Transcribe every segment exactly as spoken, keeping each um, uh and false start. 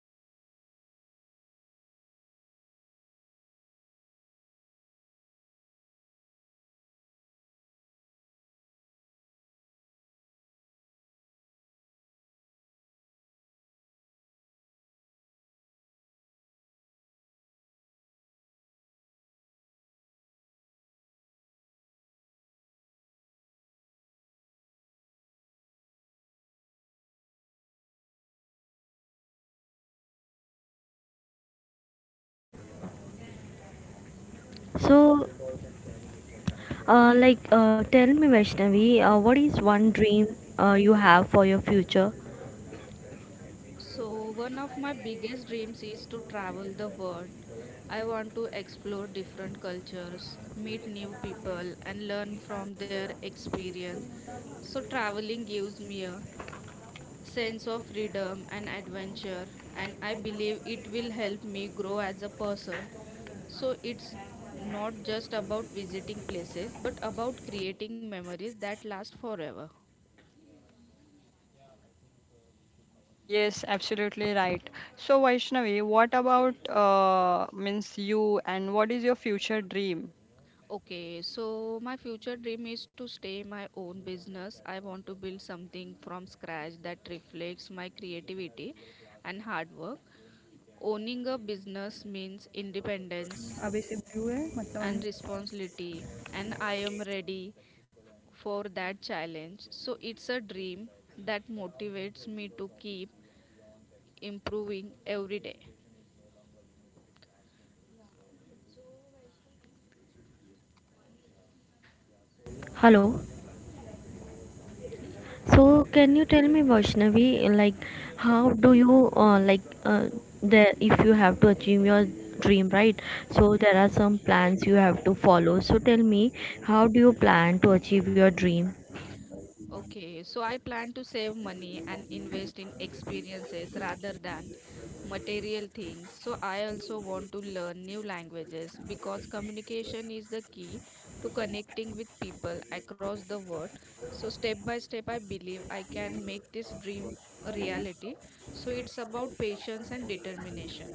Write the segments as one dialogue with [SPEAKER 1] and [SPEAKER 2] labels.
[SPEAKER 1] host, and today we are talking about a topic that inspires all of us, the future dreams. We all have dreams about where we want to be, so what we want to achieve, and how we see our lives in the years ahead. So, joining me are my co hosts Namrata and Nikita, and together we share our thoughts and ideas.
[SPEAKER 2] Yes, thank you,
[SPEAKER 3] Yes,
[SPEAKER 2] Vaishnavi.
[SPEAKER 3] thank you, Vaishnavi, for inviting us.
[SPEAKER 1] Yes, thank
[SPEAKER 2] Yes,
[SPEAKER 1] you.
[SPEAKER 3] So, uh, like, uh, tell me, Vaishnavi, uh, what is one dream uh, you have for your future?
[SPEAKER 1] So, one of my biggest dreams is to travel the world. I want to explore different cultures, meet new people, and learn from their experience. So, traveling gives me a sense of freedom and adventure, and I believe it will help me grow as a person. So, it's not just about visiting places, but about creating memories that last forever.
[SPEAKER 2] yes, absolutely right. So, Vaishnavi, what about uh, means you and what is your future dream?
[SPEAKER 1] Okay, so my future dream is to stay my own business. I want to build something from scratch that reflects my creativity and hard work. Owning a business means independence and responsibility, and I am ready for that challenge. So it's a dream that motivates me to keep improving every day.
[SPEAKER 3] Hello. So, can you tell me, Vaishnavi, like, how do you uh, like uh, the if you have to achieve your dream, right? So, there are some plans you have to follow. So, tell me, how do you plan to achieve your dream?
[SPEAKER 1] Okay, so I plan to save money and invest in experiences rather than material things. So I also want to learn new languages because communication is the key to connecting with people across the world. So step by step, I believe I can make this dream a reality. So it's about patience and determination.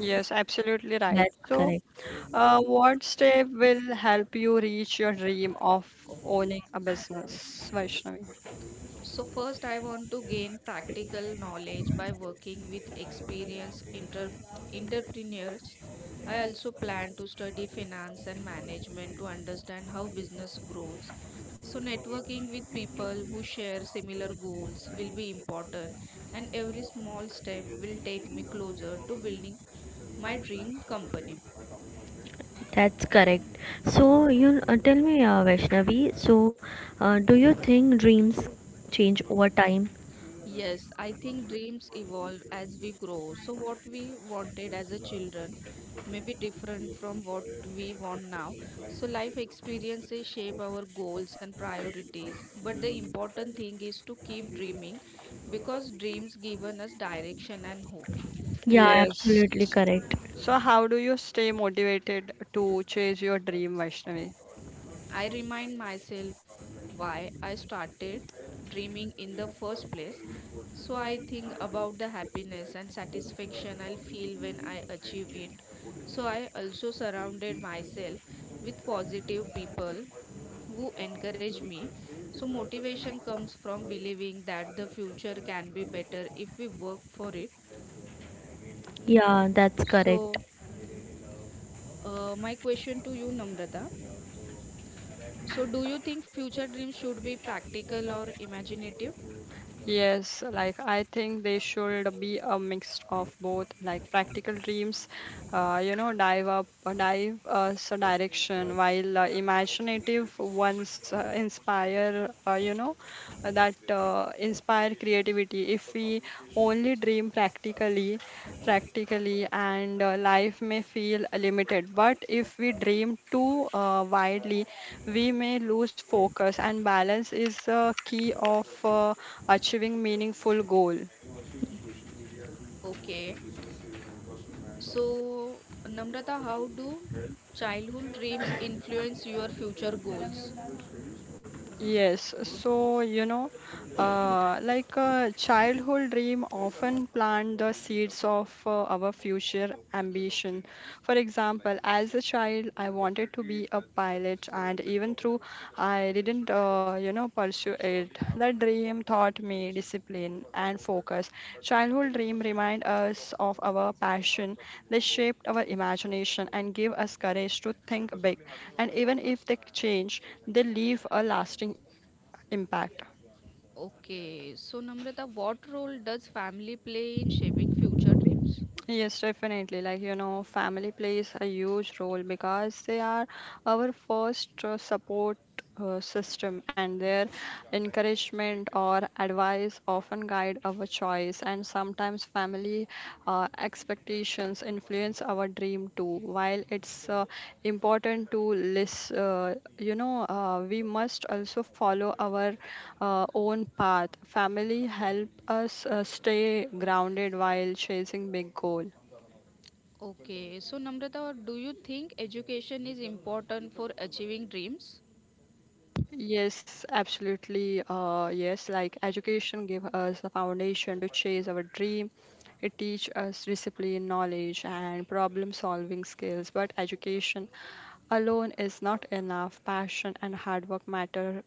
[SPEAKER 2] Yes, absolutely right.
[SPEAKER 3] That's
[SPEAKER 2] So,
[SPEAKER 3] correct.
[SPEAKER 2] uh, what step will help you reach your dream of owning a business, Vaishnavi?
[SPEAKER 1] So, first, I want to gain practical knowledge by working with experienced inter- entrepreneurs. I also plan to study finance and management to understand how business grows. So, networking with people who share similar goals will be important, and every small step will take me closer to building my dream company.
[SPEAKER 3] That's correct. So, you uh, tell me, uh, Vaishnavi, so uh, do you think dreams change over time?
[SPEAKER 1] Yes, I think dreams evolve as we grow. So, what we wanted as a children may be different from what we want now. So, life experiences shape our goals and priorities. But the important thing is to keep dreaming because dreams given us direction and hope.
[SPEAKER 3] Yeah,
[SPEAKER 2] Yes.
[SPEAKER 3] absolutely correct.
[SPEAKER 2] So, how do you stay motivated to chase your dream, Vaishnavi?
[SPEAKER 1] I remind myself why I started dreaming in the first place. So I think about the happiness and satisfaction I'll feel when I achieve it. So I also surrounded myself with positive people who encourage me. So motivation comes from believing that the future can be better if we work for it.
[SPEAKER 3] Yeah, that's correct.
[SPEAKER 1] So uh, my question to you, Namrata. So do you think future dreams should be practical or imaginative?
[SPEAKER 2] Yes, like I think they should be a mix of both, like practical dreams, uh, you know, dive up, uh, dive uh, so direction, while uh, imaginative ones uh, inspire, uh, you know, uh, that uh, inspire creativity. If we only dream practically, practically, and uh, life may feel limited. But if we dream too uh, widely, we may lose focus, and balance is a key of. Uh, achieving meaningful goal.
[SPEAKER 1] Okay. So, Namrata, how do childhood dreams influence your future goals?
[SPEAKER 2] Yes, so you know, Uh, like a childhood dream often plant the seeds of uh, our future ambition. For example, as a child, I wanted to be a pilot, and even though I didn't, uh, you know, pursue it, the dream taught me discipline and focus. Childhood dream remind us of our passion. They shaped our imagination and give us courage to think big. And even if they change, they leave a lasting impact.
[SPEAKER 1] Okay. So, Namrata, what role does family play in shaping future dreams?
[SPEAKER 2] Yes, definitely. Like, you know, family plays a huge role because they are our first uh, support uh, system, and their encouragement or advice often guide our choice. And sometimes family uh, expectations influence our dream too, while it's uh, important to list, uh, you know, uh, we must also follow our uh, own path. Family help us uh, stay grounded while chasing big goal.
[SPEAKER 1] Okay. So, Namrata, do you think education is important for achieving dreams?
[SPEAKER 2] Yes, absolutely. Uh, yes, like education give us a foundation to chase our dream. It teach us discipline, knowledge, and problem solving skills. But education alone is not enough. Passion and hard work matters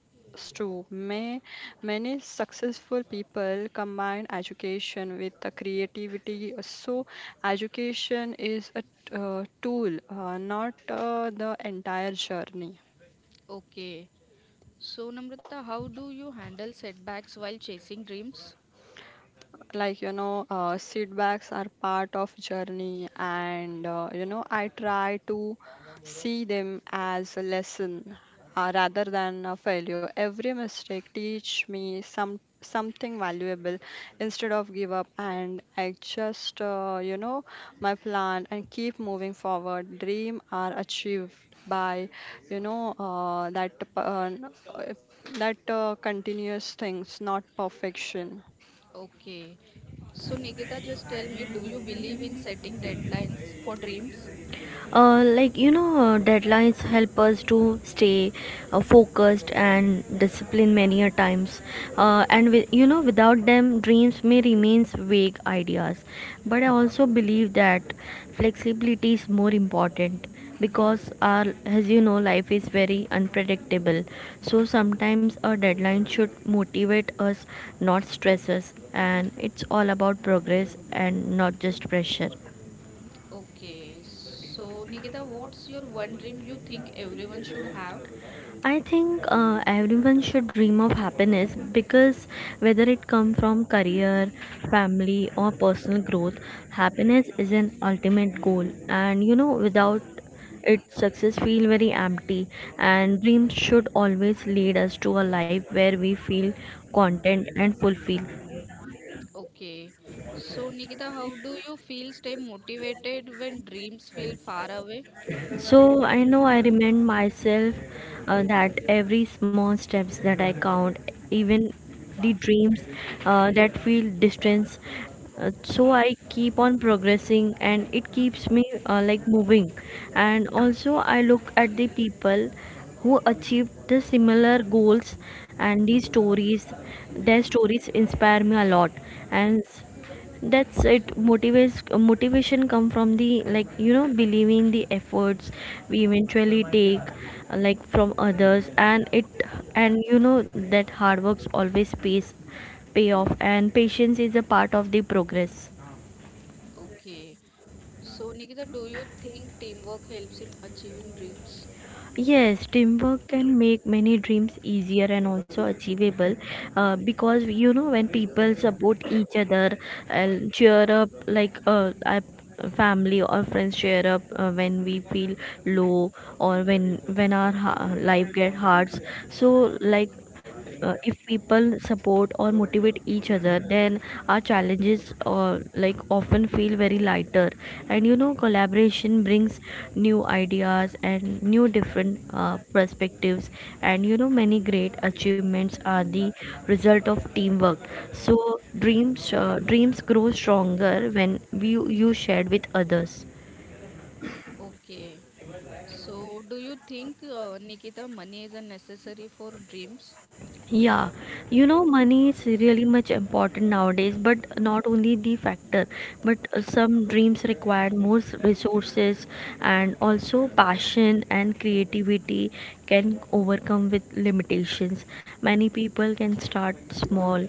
[SPEAKER 2] too. May, many successful people combine education with the creativity. So, education is a uh, tool, uh, not uh, the entire journey.
[SPEAKER 1] Okay. So, Namrata, how do you handle setbacks while chasing dreams?
[SPEAKER 2] Like you know, uh, setbacks are part of journey, and uh, you know, I try to see them as a lesson uh, rather than a failure. Every mistake teach me some something valuable. Instead of give up, and I just uh, you know, my plan and keep moving forward. Dream are achieved by, you know, uh, that uh, that uh, continuous things not perfection.
[SPEAKER 1] Okay. So, Nikita, just tell me, do you believe in setting deadlines for dreams?
[SPEAKER 3] uh, like you know, uh, deadlines help us to stay uh, focused and disciplined many a times, uh, and, with, you know without them dreams may remain vague ideas, but I also believe that flexibility is more important because, our as you know, life is very unpredictable. So sometimes a deadline should motivate us, not stress us, and it's all about progress and not just pressure.
[SPEAKER 1] Okay, so Nikita, what's your one dream you think everyone should have?
[SPEAKER 3] I think uh, everyone should dream of happiness because whether it comes from career, family, or personal growth, happiness is an ultimate goal. And you know, without it, success feel very empty. And dreams should always lead us to a life where we feel content and fulfilled.
[SPEAKER 1] Okay, so Nikita, how do you feel stay motivated when dreams feel far away?
[SPEAKER 3] So I know I remind myself uh, that every small steps that I count, even the dreams uh, that feel distance. Uh, so I keep on progressing, and it keeps me uh, like moving. And also I look at the people who achieved the similar goals, and these stories, their stories inspire me a lot. And that's it motivates motivation come from, the like, you know, believing the efforts we eventually take, uh, like from others. And, it and you know, that hard works always pays pay off, and patience is a part of the progress.
[SPEAKER 1] Okay, so Nikita, do you think teamwork helps in achieving dreams?
[SPEAKER 3] Yes, teamwork can make many dreams easier and also achievable, uh, because you know, when people support each other and cheer up, like, uh, our family or friends cheer up uh, when we feel low, or when when our ha- life get hard. So like, uh, if people support or motivate each other, then our challenges, uh, like, often feel very lighter. And you know, collaboration brings new ideas and new different uh, perspectives. And you know, many great achievements are the result of teamwork. So dreams uh, dreams grow stronger when we you shared with others.
[SPEAKER 1] Okay, so do you think uh, Nikita, money is a necessary for dreams?
[SPEAKER 3] Yeah, you know, money is really much important nowadays, but not only the factor, but uh, some dreams require more s- resources, and also passion and creativity can overcome with limitations. Many people can start small,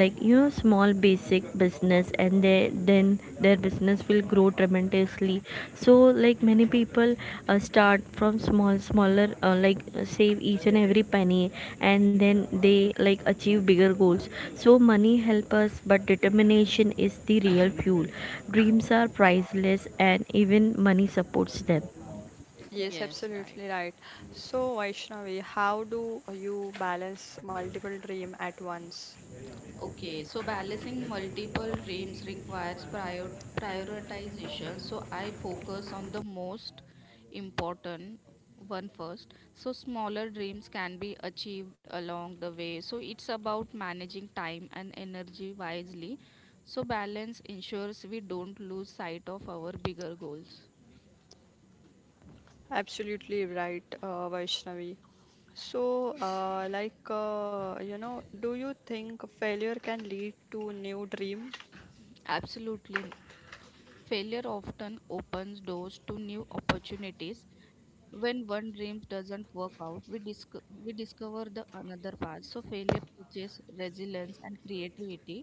[SPEAKER 3] like, you know, small basic business, and they then their business will grow tremendously. So like, many people uh, start from small smaller uh, like save each and every penny, and then they like achieve bigger goals. So money help us, but determination is the real fuel. Dreams are priceless and even money supports them.
[SPEAKER 2] Yes,
[SPEAKER 1] Yes,
[SPEAKER 2] absolutely
[SPEAKER 1] right.
[SPEAKER 2] right. So, Vaishnavi, how do you balance multiple dream at once?
[SPEAKER 1] Okay, so balancing multiple dreams requires prior prioritization. So I focus on the most important one first. So smaller dreams can be achieved along the way. So it's about managing time and energy wisely. So balance ensures we don't lose sight of our bigger goals.
[SPEAKER 2] Absolutely right, uh, Vaishnavi. So, uh, like, uh, you know, do you think failure can lead to new dream?
[SPEAKER 1] Absolutely. Failure often opens doors to new opportunities. When one dream doesn't work out, we, disco- we discover the another path. So failure teaches resilience and creativity.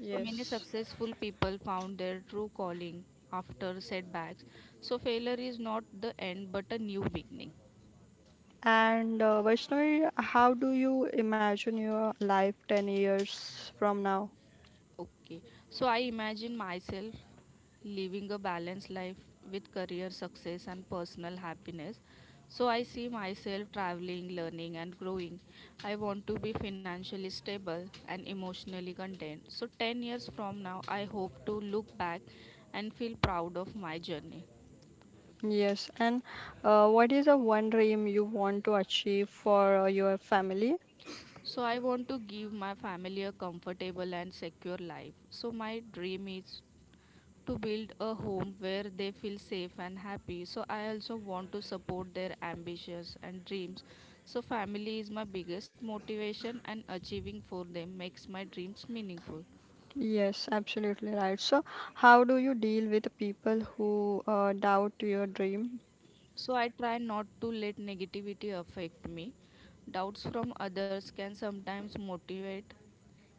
[SPEAKER 1] So many successful people found their true calling after setbacks. So failure is not the end but a new beginning.
[SPEAKER 2] And uh, Vaishnavi, how do you imagine your life ten years from now?
[SPEAKER 1] Okay. So I imagine myself living a balanced life with career success and personal happiness. So I see myself traveling, learning, and growing. I want to be financially stable and emotionally content. So ten years from now, I hope to look back and feel proud of my journey.
[SPEAKER 2] Yes. And uh, what is the one dream you want to achieve for uh, your family?
[SPEAKER 1] So I want to give my family a comfortable and secure life. So my dream is to build a home where they feel safe and happy. So I also want to support their ambitions and dreams. So family is my biggest motivation and achieving for them makes my dreams meaningful.
[SPEAKER 2] Yes, absolutely right. So, how do you deal with people who uh, doubt your dream?
[SPEAKER 1] So I try not to let negativity affect me. Doubts from others can sometimes motivate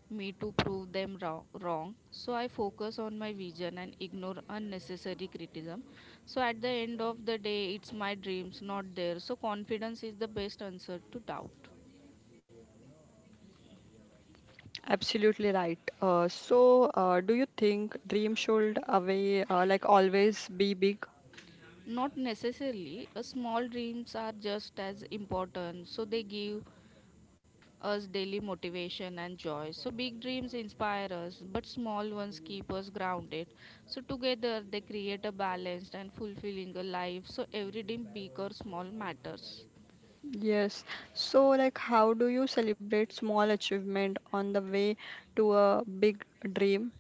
[SPEAKER 1] me to prove them wrong, wrong. So I focus on my vision and ignore unnecessary criticism. So at the end of the day, it's my dreams, not theirs. So confidence is the best answer to doubt.
[SPEAKER 2] Absolutely right. Uh, so, uh, do you think dream should away uh, like always be big?
[SPEAKER 1] Not necessarily, uh, small dreams are just as important. So they give us daily motivation and joy. So big dreams inspire us, but small ones keep us grounded. So together they create a balanced and fulfilling a life. So every dream, big or small, matters.
[SPEAKER 2] Yes. So, like, how do you celebrate small achievement on the way to a big dream?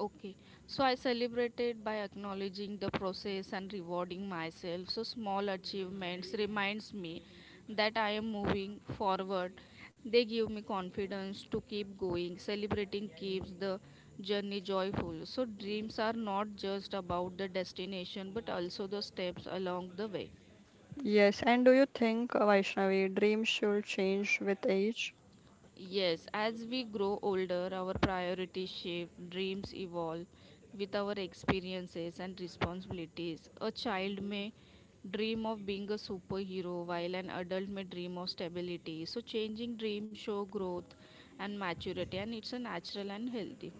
[SPEAKER 1] Okay, so I celebrated by acknowledging the process and rewarding myself. So small achievements reminds me that I am moving forward. They give me confidence to keep going. Celebrating keeps the journey joyful. So dreams are not just about the destination but also the steps along the way.
[SPEAKER 2] Yes. And do you think, uh, Vaishnavi, dreams should change with age?
[SPEAKER 1] Yes, as we grow older, our priorities shift, dreams evolve with our experiences and responsibilities. A child may dream of being a superhero while an adult may dream of stability. So changing dreams show growth and maturity and it's a natural and healthy.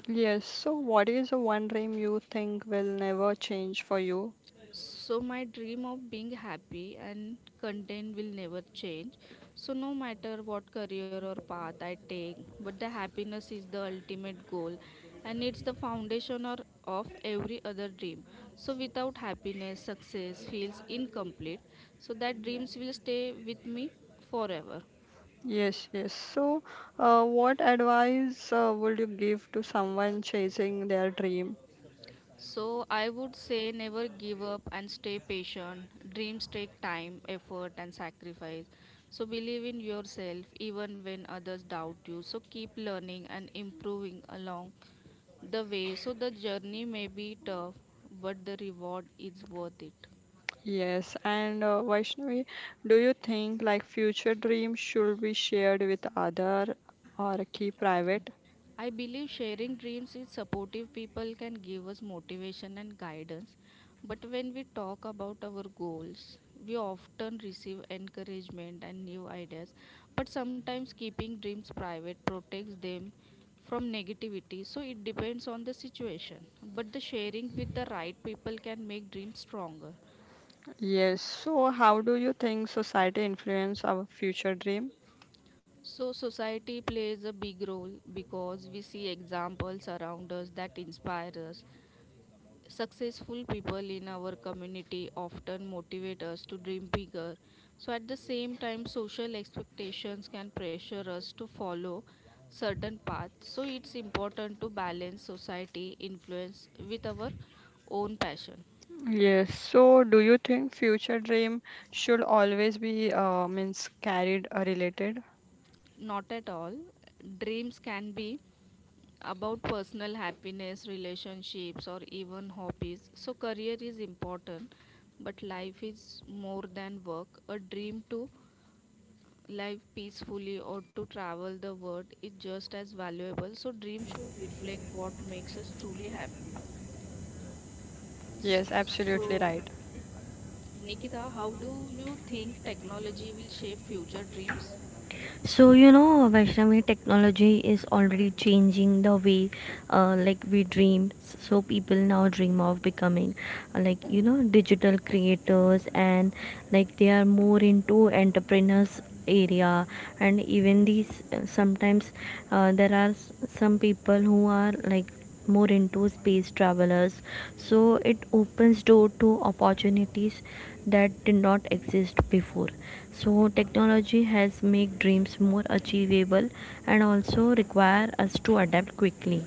[SPEAKER 2] Yes. So, what is the one dream you think will never change for you?
[SPEAKER 1] So my dream of being happy and content will never change. So no matter what career or path I take, but the happiness is the ultimate goal and it's the foundation or of every other dream. So without happiness, success feels incomplete. So that dreams will stay with me forever.
[SPEAKER 2] Yes, yes. So, uh, what advice uh, would you give to someone chasing their dream?
[SPEAKER 1] So I would say never give up and stay patient. Dreams take time, effort and sacrifice. So believe in yourself even when others doubt you. So keep learning and improving along the way. So the journey may be tough, but the reward is worth it.
[SPEAKER 2] Yes, and uh, Vaishnavi, do you think like future dreams should be shared with other or keep private?
[SPEAKER 1] I believe sharing dreams with supportive people can give us motivation and guidance. But when we talk about our goals, we often receive encouragement and new ideas. But sometimes keeping dreams private protects them from negativity. So it depends on the situation. But the sharing with the right people can make dreams stronger.
[SPEAKER 2] Yes. So, how do you think society influence our future dream?
[SPEAKER 1] So, society plays a big role because we see examples around us that inspire us. Successful people in our community often motivate us to dream bigger. So, at the same time, social expectations can pressure us to follow certain paths. So, it's important to balance society influence with our own passion.
[SPEAKER 2] Yes. So, do you think future dream should always be uh, means carried or related?
[SPEAKER 1] Not at all. Dreams can be about personal happiness, relationships, or even hobbies. So, career is important, but life is more than work. A dream too life peacefully or to travel the world is just as valuable. So dreams should reflect what makes us truly happy.
[SPEAKER 2] Yes, absolutely
[SPEAKER 1] So,
[SPEAKER 2] right.
[SPEAKER 1] Nikita, how do you think technology will shape future dreams?
[SPEAKER 3] So, you know, Vaishnavi, technology is already changing the way uh, like we dream. So people now dream of becoming, uh, like, you know, digital creators, and like they are more into entrepreneurs area. And even these, uh, sometimes, uh, there are s- some people who are, like, more into space travelers. So it opens door to opportunities that did not exist before. So technology has made dreams more achievable, and also require us to adapt quickly.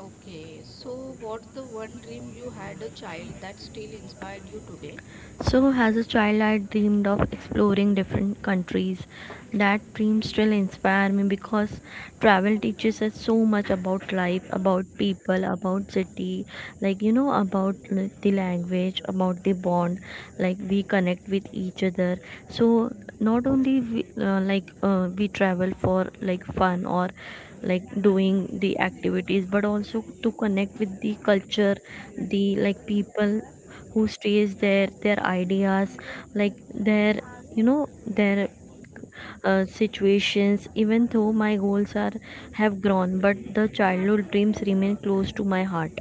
[SPEAKER 1] Okay, so what's the one dream you had a child that still inspired you today?
[SPEAKER 3] So, as a child, I dreamed of exploring different countries. That dream still inspires me because travel teaches us so much about life, about people, about city, like you know, about l- the language, about the bond, like we connect with each other. So, not only we, uh, like uh, we travel for like fun or like doing the activities, but also to connect with the culture, the, like, people who stays there, their ideas, like, their, you know, their uh, situations. Even though my goals are have grown, but the childhood dreams remain close to my heart.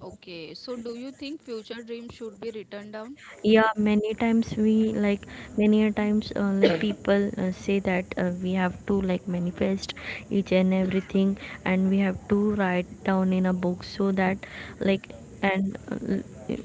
[SPEAKER 1] Okay, so do you think future dreams should be written down?
[SPEAKER 3] Yeah, many times we like, many a times uh, like, people uh, say that uh, we have to like manifest each and everything, and we have to write down in a book, so that like, and uh,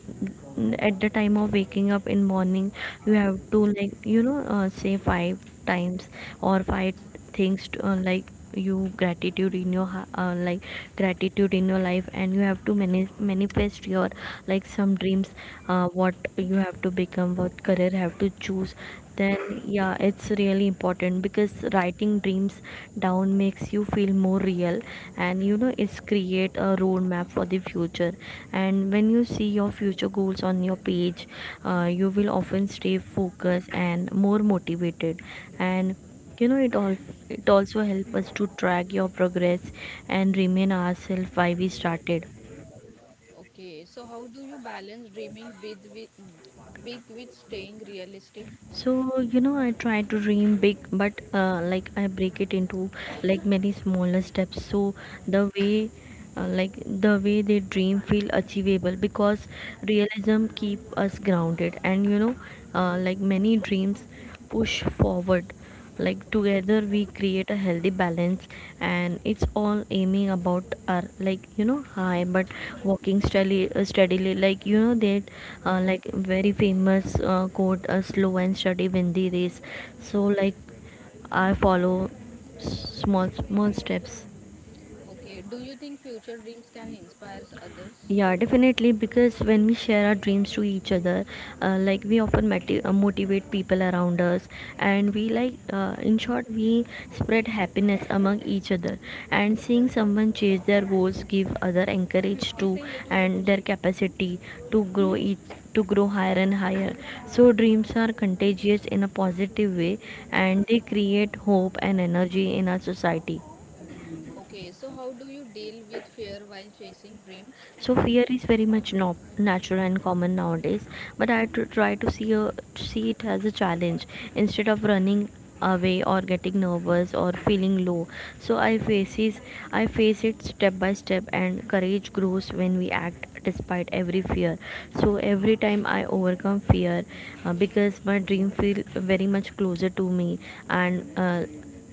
[SPEAKER 3] at the time of waking up in morning, you have to, like, you know, uh, say five times, or five things to, uh, like, you gratitude in your ha- uh, like gratitude in your life, and you have to mani- manifest your like some dreams, uh, what you have to become, what career have to choose. Then yeah, it's really important because writing dreams down makes you feel more real. And you know, it's create a roadmap for the future. And when you see your future goals on your page, uh, you will often stay focused and more motivated. And you know, it all it also helps us to track your progress, and remain ourselves why we started.
[SPEAKER 1] Okay, so how do you balance dreaming big with big with staying realistic?
[SPEAKER 3] So, you know, I try to dream big, but uh, like I break it into like many smaller steps. So the way uh, like the way they dream feel achievable, because realism keep us grounded. And you know, uh, like, many dreams push forward. Like, together we create a healthy balance, and it's all aiming about our, like, you know, high, but walking steadily uh, steadily. Like, you know, that uh, like very famous uh, quote, uh, slow and steady win the race. So like, I follow s- small small steps.
[SPEAKER 1] Okay, do you think future dreams can inspire others?
[SPEAKER 3] Yeah, definitely. Because when we share our dreams to each other, uh, like, we often mati- uh, motivate people around us, and we like, uh, in short, we spread happiness among each other. And seeing someone chase their goals give other encourage to and their capacity to grow each to grow higher and higher. So dreams are contagious in a positive way, and they create hope and energy in our society.
[SPEAKER 1] Okay, so how do you deal with fear while chasing dreams?
[SPEAKER 3] So fear is very much no- natural and common nowadays, but I tr- try to see a, see it as a challenge instead of running away or getting nervous or feeling low. So i faces I face it step by step, and courage grows when we act despite every fear. So every time I overcome fear, uh, because my dream feel very much closer to me. And, uh,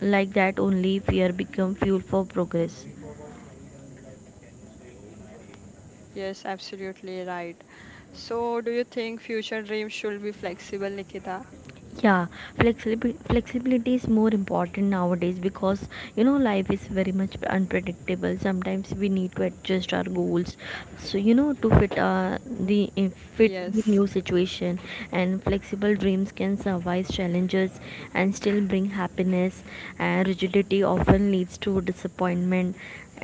[SPEAKER 3] like, that only fear become fuel for progress.
[SPEAKER 2] Yes, absolutely right. So, do you think future dreams should be flexible, Nikita?
[SPEAKER 3] Yeah, flexibility flexibility is more important nowadays because you know life is very much unpredictable. Sometimes we need to adjust our goals, so you know, to fit uh, the in- fit the
[SPEAKER 2] Yes.
[SPEAKER 3] new situation. And flexible dreams can survive challenges and still bring happiness. And rigidity often leads to disappointment.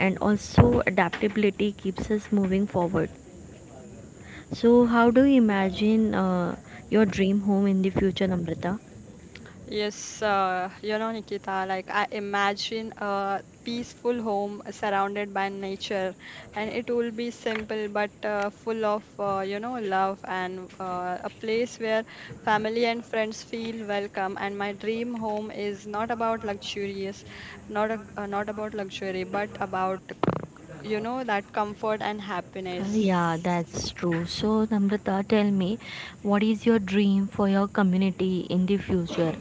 [SPEAKER 3] And also adaptability keeps us moving forward. So how do you imagine, uh, your dream home in the future, Namrata?
[SPEAKER 2] Yes, uh, you know, Nikita, like I imagine a peaceful home surrounded by nature, and it will be simple but uh, full of, uh, you know, love, and uh, a place where family and friends feel welcome. And my dream home is not about luxurious, not a, uh, not about luxury, but about, you know, that comfort and
[SPEAKER 3] Uh, yeah,
[SPEAKER 2] happiness.
[SPEAKER 3] that's true. So, Namrata, tell me, what is your dream for your community in the future?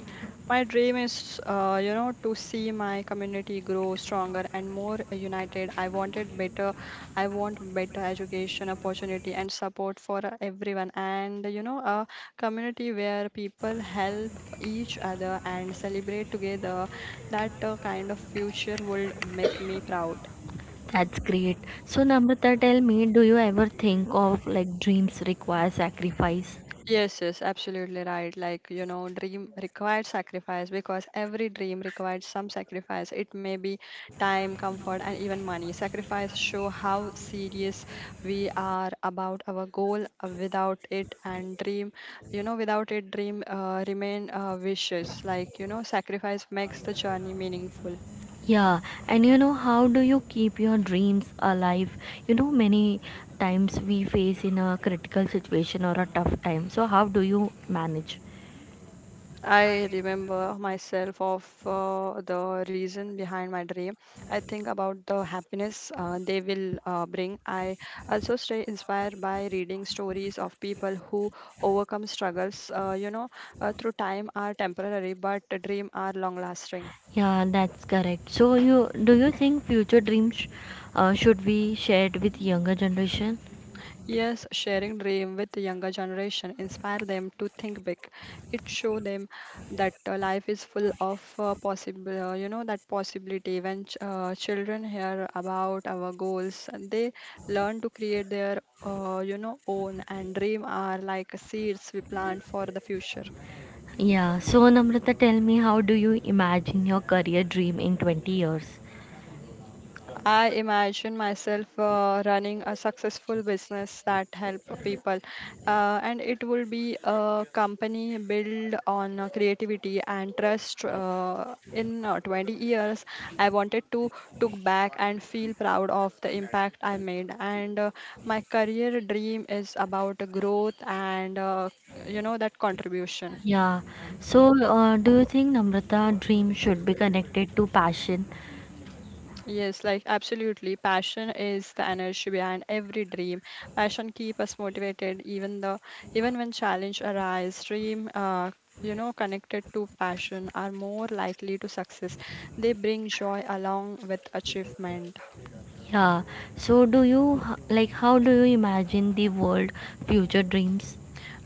[SPEAKER 2] My dream is, uh, you know, to see my community grow stronger and more united. I wanted better, I want better education opportunity and support for uh, everyone, and you know, a community where people help each other and celebrate together. That uh, kind of future would make me proud.
[SPEAKER 3] That's great. So, Namrata, tell me, do you ever think of like dreams require sacrifice?
[SPEAKER 2] Yes, yes, absolutely right. Like, you know, dream required sacrifice because every dream requires some sacrifice. It may be time, comfort, and even money. Sacrifice show how serious we are about our goal. Uh, Without it and dream, you know, without it, dream uh, remain uh, wishes. Like, you know, sacrifice makes the journey meaningful.
[SPEAKER 3] Yeah, and you know, how do you keep your dreams alive? You know, many times we face in a critical situation or a tough time. So, how do you manage?
[SPEAKER 2] I remember myself of uh, the reason behind my dream. I think about the happiness uh, they will uh, bring. I also stay inspired by reading stories of people who overcome struggles, uh, you know, uh, through time are temporary, but dream are long lasting.
[SPEAKER 3] Yeah, that's correct. So, you do you think future dreams uh, should be shared with younger generation?
[SPEAKER 2] Yes, sharing dream with the younger generation inspire them to think big. It show them that uh, life is full of uh, possible, uh, you know, that possibility. When ch- uh, children hear about our goals, and they learn to create their, uh, you know, own. And dream are like seeds we plant for the future.
[SPEAKER 3] Yeah, so Namrata, tell me, how do you imagine your career dream in twenty years?
[SPEAKER 2] I imagine myself uh, running a successful business that help people, uh, and it will be a company built on uh, creativity and trust. Uh, in uh, twenty years, I wanted to took back and feel proud of the impact I made. And uh, my career dream is about growth and uh, you know, that contribution.
[SPEAKER 3] Yeah, so uh, do you think Namrata dream should be connected to passion?
[SPEAKER 2] Yes, like absolutely. Passion is the energy behind every dream. Passion keep us motivated even the even when challenge arise. Dream, uh, you know, connected to passion are more likely to success. They bring joy along with achievement.
[SPEAKER 3] Yeah, so do you h- like how do you imagine the world future dreams?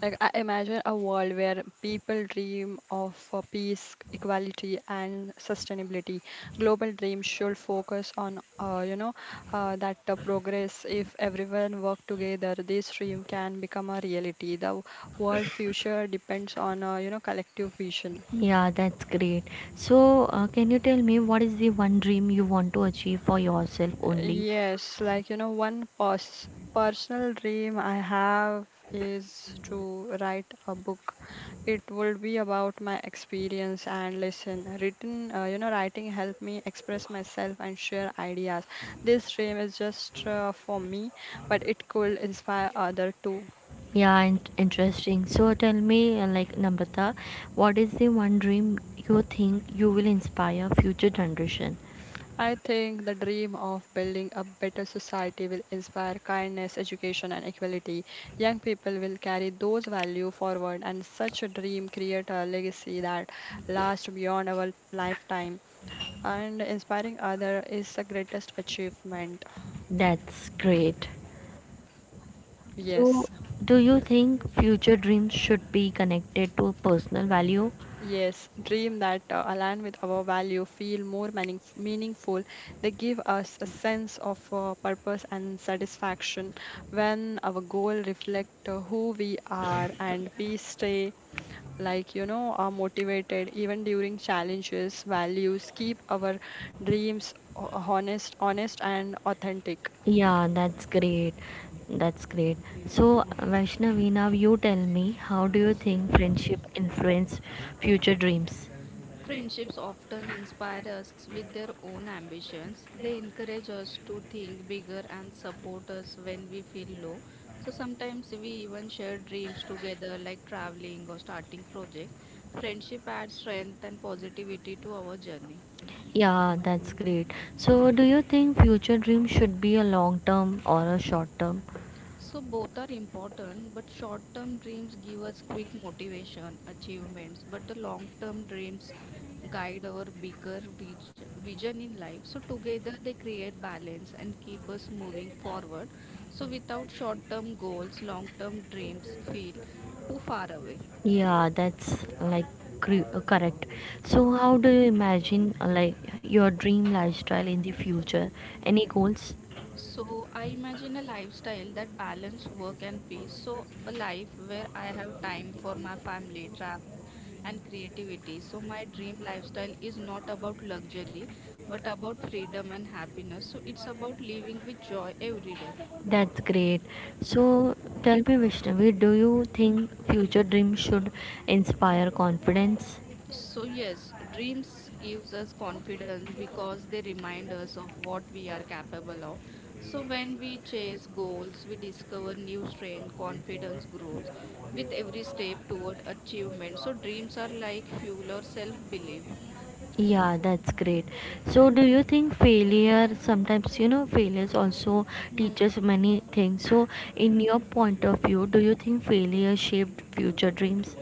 [SPEAKER 2] Like I imagine a world where people dream of uh, peace, equality, and sustainability. Global dreams should focus on, uh, you know, uh, that uh, progress. If everyone work together, this dream can become a reality. The world future depends on, uh, you know, collective vision.
[SPEAKER 3] Yeah, that's great. So, uh, can you tell me what is the one dream you want to achieve for yourself only?
[SPEAKER 2] Yes, like you know, one pers personal dream I have is to write a book. It would be about my experience and lesson. Written, uh, you know, writing help me express myself and share ideas. This dream is just uh, for me, but it could inspire other too.
[SPEAKER 3] Yeah, in- interesting. So tell me, uh, like Namrata, what is the one dream you think you will inspire future generation?
[SPEAKER 2] I think the dream of building a better society will inspire kindness, education, and equality. Young people will carry those values forward, and such a dream create a legacy that lasts beyond our lifetime. And inspiring others is the greatest achievement.
[SPEAKER 3] That's great. So,
[SPEAKER 2] Yes.
[SPEAKER 3] do you think future dreams should be connected to personal value?
[SPEAKER 2] Yes, dream that uh, align with our value, feel more meaning, meaningful. They give us a sense of uh, purpose and satisfaction when our goal reflect uh, who we are, and we stay, like you know, are motivated even during challenges. Values keep our dreams ho- honest, honest and authentic.
[SPEAKER 3] Yeah, that's great. That's great. So, Vaishnavi, now you tell me, how do you think friendship influence future dreams?
[SPEAKER 1] Friendships often inspire us with their own ambitions. They encourage us to think bigger and support us when we feel low. So sometimes we even share dreams together, like traveling or starting project. Friendship adds strength and positivity to our journey.
[SPEAKER 3] Yeah, that's great. So, do you think future dreams should be a long term or a short term?
[SPEAKER 1] So both are important, but short-term dreams give us quick motivation, achievements, but the long-term dreams guide our bigger vis- vision in life. So together they create balance and keep us moving forward. So without short-term goals, long-term dreams feel too far away.
[SPEAKER 3] Yeah, that's like cre- uh, correct. So, how do you imagine, uh, like, your dream lifestyle in the future? Any goals?
[SPEAKER 1] So I imagine a lifestyle that balance work and peace. So a life where I have time for my family, travel, and creativity. So my dream lifestyle is not about luxury, but about freedom and happiness. So it's about living with joy every day.
[SPEAKER 3] That's great. So, tell me, Vishnavi, do you think future dreams should inspire confidence?
[SPEAKER 1] So yes, dreams gives us confidence because they remind us of what we are capable of. So when we chase goals, we discover new strength, confidence grows with every step toward achievement. So dreams are like fuel or self-belief.
[SPEAKER 3] Yeah, that's great. So, do you think failure sometimes, you know, failures also
[SPEAKER 1] Hmm.
[SPEAKER 3] teaches many things. So, in your point of view, do you think failure shaped future dreams?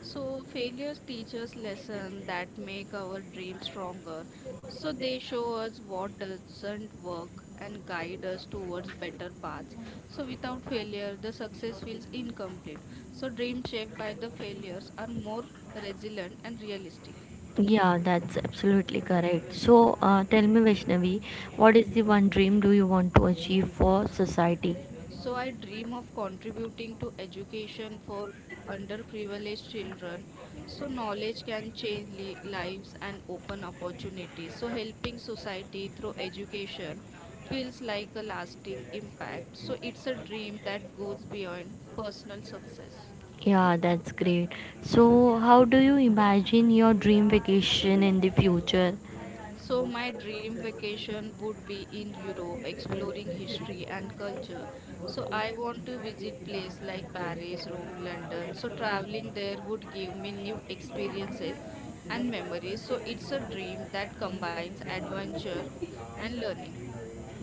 [SPEAKER 1] So failures teach us lessons that make our dreams stronger. So they show us what doesn't work and guide us towards better paths. So without failure, the success feels incomplete. So dreams shaped by the failures are more resilient and realistic.
[SPEAKER 3] Yeah, that's absolutely correct. So, uh, tell me, Vaishnavi, what is the one dream do you want to achieve for society?
[SPEAKER 1] So I dream of contributing to education for underprivileged children so knowledge can change li- lives and open opportunities. So helping society through education feels like a lasting impact. So it's a dream that goes beyond personal success.
[SPEAKER 3] Yeah, that's great. So, how do you imagine your dream vacation in the future?
[SPEAKER 1] So, my dream vacation would be in Europe, exploring history and culture. So, I want to visit places like Paris, Rome, London. So, traveling there would give me new experiences and memories. So, it's a dream that combines adventure and learning.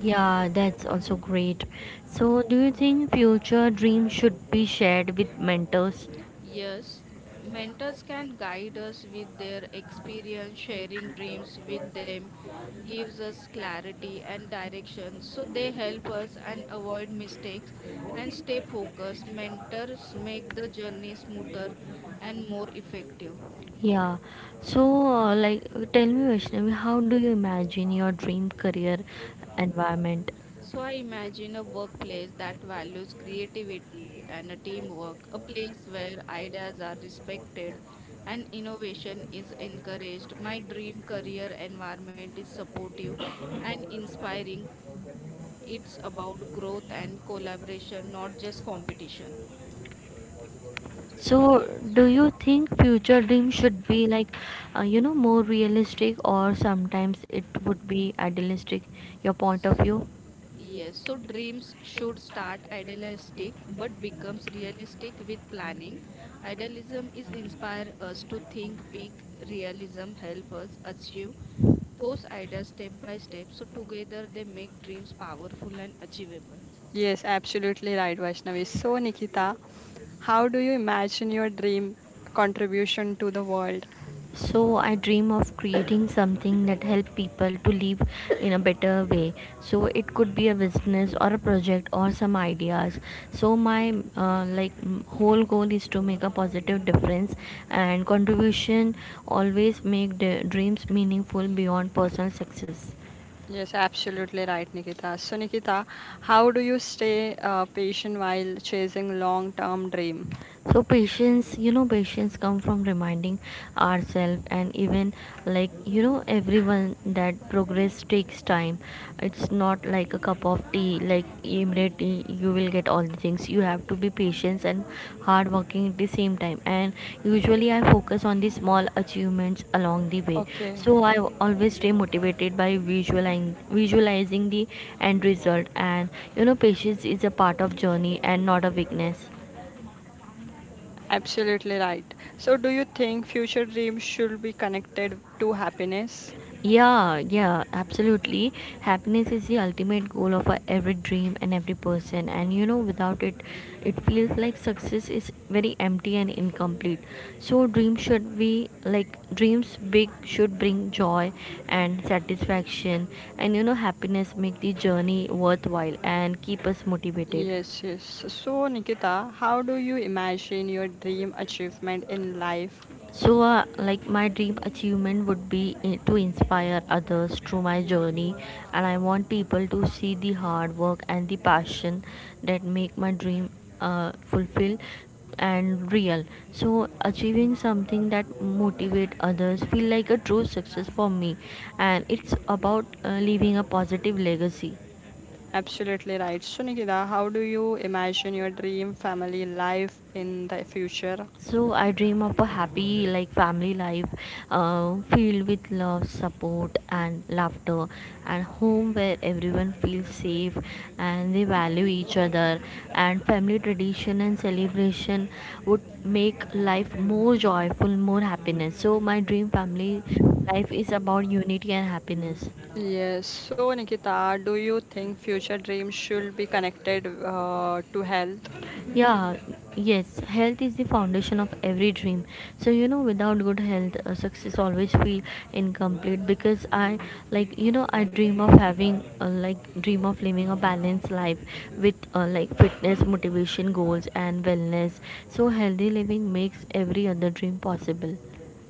[SPEAKER 3] Yeah, that's also great. So, do you think future dreams should be shared with mentors?
[SPEAKER 1] Yes, mentors can guide us with their experience, sharing dreams with them gives us clarity and direction. So they help us and avoid mistakes and stay focused. Mentors make the journey smoother and more effective.
[SPEAKER 3] Yeah. So, uh, like, tell me, Vaishnavi, how do you imagine your dream career environment?
[SPEAKER 1] So I imagine a workplace that values creativity and a teamwork, a place where ideas are respected and innovation is encouraged. My dream career environment is supportive and inspiring. It's about growth and collaboration, not just competition.
[SPEAKER 3] So, do you think future dreams should be like, uh, you know, more realistic, or sometimes it would be idealistic? Your point of view?
[SPEAKER 1] Yes, so dreams should start idealistic but becomes realistic with planning. Idealism is inspire us to think big, realism help us achieve those ideas step by step. So together they make dreams powerful and achievable.
[SPEAKER 2] Yes, absolutely right, Vaishnavi. So, Nikita, how do you imagine your dream contribution to the world?
[SPEAKER 3] So I dream of creating something that help people to live in a better way. So it could be a business or a project or some ideas. So my uh, like m- whole goal is to make a positive difference, and contribution always make the dreams meaningful beyond personal success.
[SPEAKER 2] Yes, absolutely right, Nikita. So, Nikita, how do you stay uh, patient while chasing long-term dream?
[SPEAKER 3] So patience you know patience come from reminding ourselves, and even like you know everyone that progress takes time. It's not like a cup of tea, like immediately you will get all the things. You have to be patient and hard working at the same time, and usually I focus on the small achievements along the way.
[SPEAKER 2] Okay,
[SPEAKER 3] So I always stay motivated by visualizing visualizing the end result, and you know patience is a part of journey and not a weakness.
[SPEAKER 2] absolutely right. So, do you think future dreams should be connected to happiness?
[SPEAKER 3] Yeah, yeah, absolutely. Happiness is the ultimate goal of our every dream and every person. And you know, without it, it feels like success is very empty and incomplete. So, dreams should be like dreams big should bring joy and satisfaction. And you know, happiness make the journey worthwhile and keep us motivated.
[SPEAKER 2] Yes, yes. So, Nikita, how do you imagine your dream achievement in life?
[SPEAKER 3] So, uh, like my dream achievement would be i- to inspire others through my journey, and I want people to see the hard work and the passion that make my dream uh, fulfilled and real. So, achieving something that motivate others feel like a true success for me, and it's about uh, leaving a positive legacy.
[SPEAKER 2] Absolutely right. So, Nikita, how do you imagine your dream family life in the future?
[SPEAKER 3] So I dream of a happy, like, family life uh, filled with love, support and laughter, and home where everyone feels safe and they value each other, and family tradition and celebration would make life more joyful, more happiness. So my dream family life is about unity and happiness.
[SPEAKER 2] Yes. So, Nikita, do you think future dreams should be connected uh, to health?
[SPEAKER 3] Yeah, yes, health is the foundation of every dream. So you know, without good health, uh, success always feel incomplete, because I, like, you know, I dream of having uh, like dream of living a balanced life with uh, like fitness, motivation, goals and wellness. So healthy living makes every other dream possible.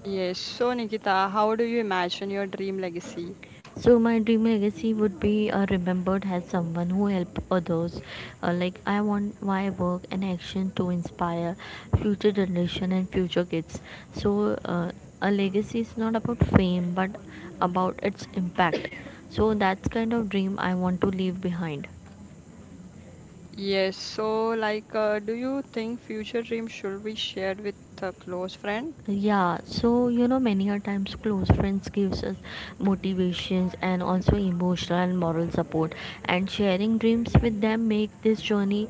[SPEAKER 2] Yes. So, Nikita, how do you imagine your dream legacy?
[SPEAKER 3] So my dream legacy would be uh, remembered as someone who helped others. Uh, like, I want my work and action to inspire future generation and future kids. So uh, a legacy is not about fame but about its impact. So that's kind of dream I want to leave behind.
[SPEAKER 2] Yes. So, like, uh, do you think future dreams should be shared with a close friend?
[SPEAKER 3] Yeah, so you know many a times close friends gives us motivations and also emotional and moral support, and sharing dreams with them make this journey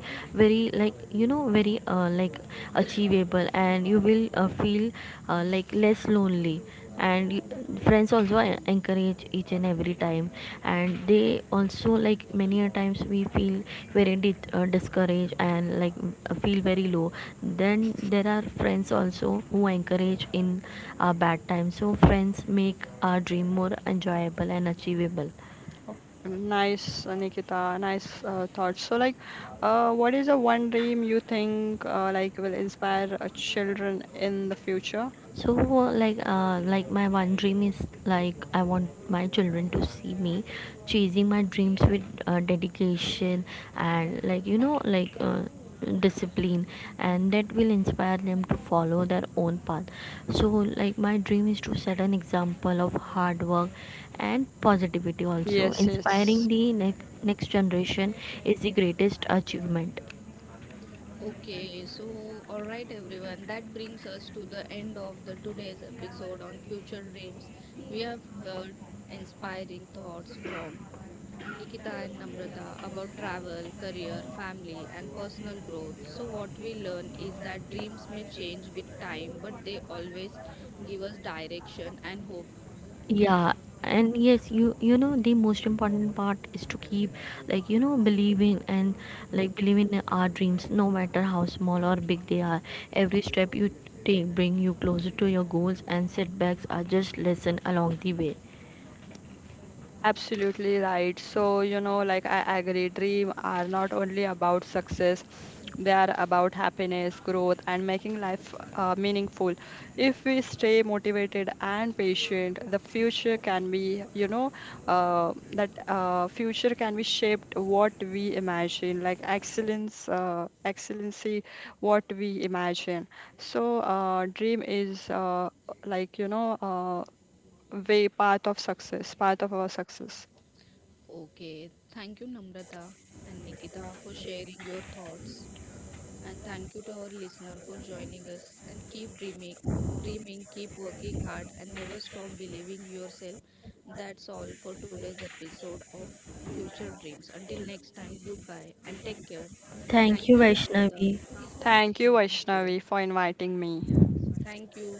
[SPEAKER 3] very like you know very uh, like achievable, and you will uh, feel uh, like less lonely. And friends also encourage each and every time, and they also, like, many a times we feel very di- uh, discouraged, and like uh, feel very low. Then there are friends also who encourage in our bad times. So friends make our dream more enjoyable and achievable.
[SPEAKER 2] Nice, uh, Nikita. Nice uh, thoughts. So, like, uh, what is the one dream you think uh, like will inspire uh, children in the future?
[SPEAKER 3] So uh, like uh, like my one dream is, like, I want my children to see me chasing my dreams with uh, dedication, and like you know like uh, discipline, and that will inspire them to follow their own path. So, like, my dream is to set an example of hard work, and positivity, also
[SPEAKER 2] Yes.
[SPEAKER 3] inspiring
[SPEAKER 2] Yes.
[SPEAKER 3] the next next generation is the greatest achievement.
[SPEAKER 1] Okay, so all right, everyone. That brings us to the end of the today's episode on future dreams. We have heard inspiring thoughts from Nikita and Namrata about travel, career, family, and personal growth. So, what we learn is that dreams may change with time, but they always give us direction and hope.
[SPEAKER 3] Yeah, and yes, you you know the most important part is to keep, like you know believing, and like believe in our dreams, no matter how small or big they are. Every step you take bring you closer to your goals, and setbacks are just lesson along the way.
[SPEAKER 2] Absolutely right. So, you know, like I agree, dreams are not only about success, they are about happiness, growth, and making life uh, meaningful. If we stay motivated and patient, the future can be, you know, uh, that uh, future can be shaped what we imagine, like excellence, uh, excellency, what we imagine. So, uh, dream is uh, like, you know, uh, way path of success, path of our success.
[SPEAKER 1] Okay, thank you, Namrata and Nikita, for sharing your thoughts. And thank you to our listener for joining us. And keep dreaming, dreaming, keep working hard, and never stop believing yourself. That's all for today's episode of Future Dreams. Until next time, goodbye and take care.
[SPEAKER 3] Thank
[SPEAKER 1] Thank
[SPEAKER 3] you,
[SPEAKER 1] you, Namrata.
[SPEAKER 3] Vaishnavi.
[SPEAKER 2] Thank you,
[SPEAKER 1] Thank you, Nikita.
[SPEAKER 2] Vaishnavi, for inviting me.
[SPEAKER 1] Thank you.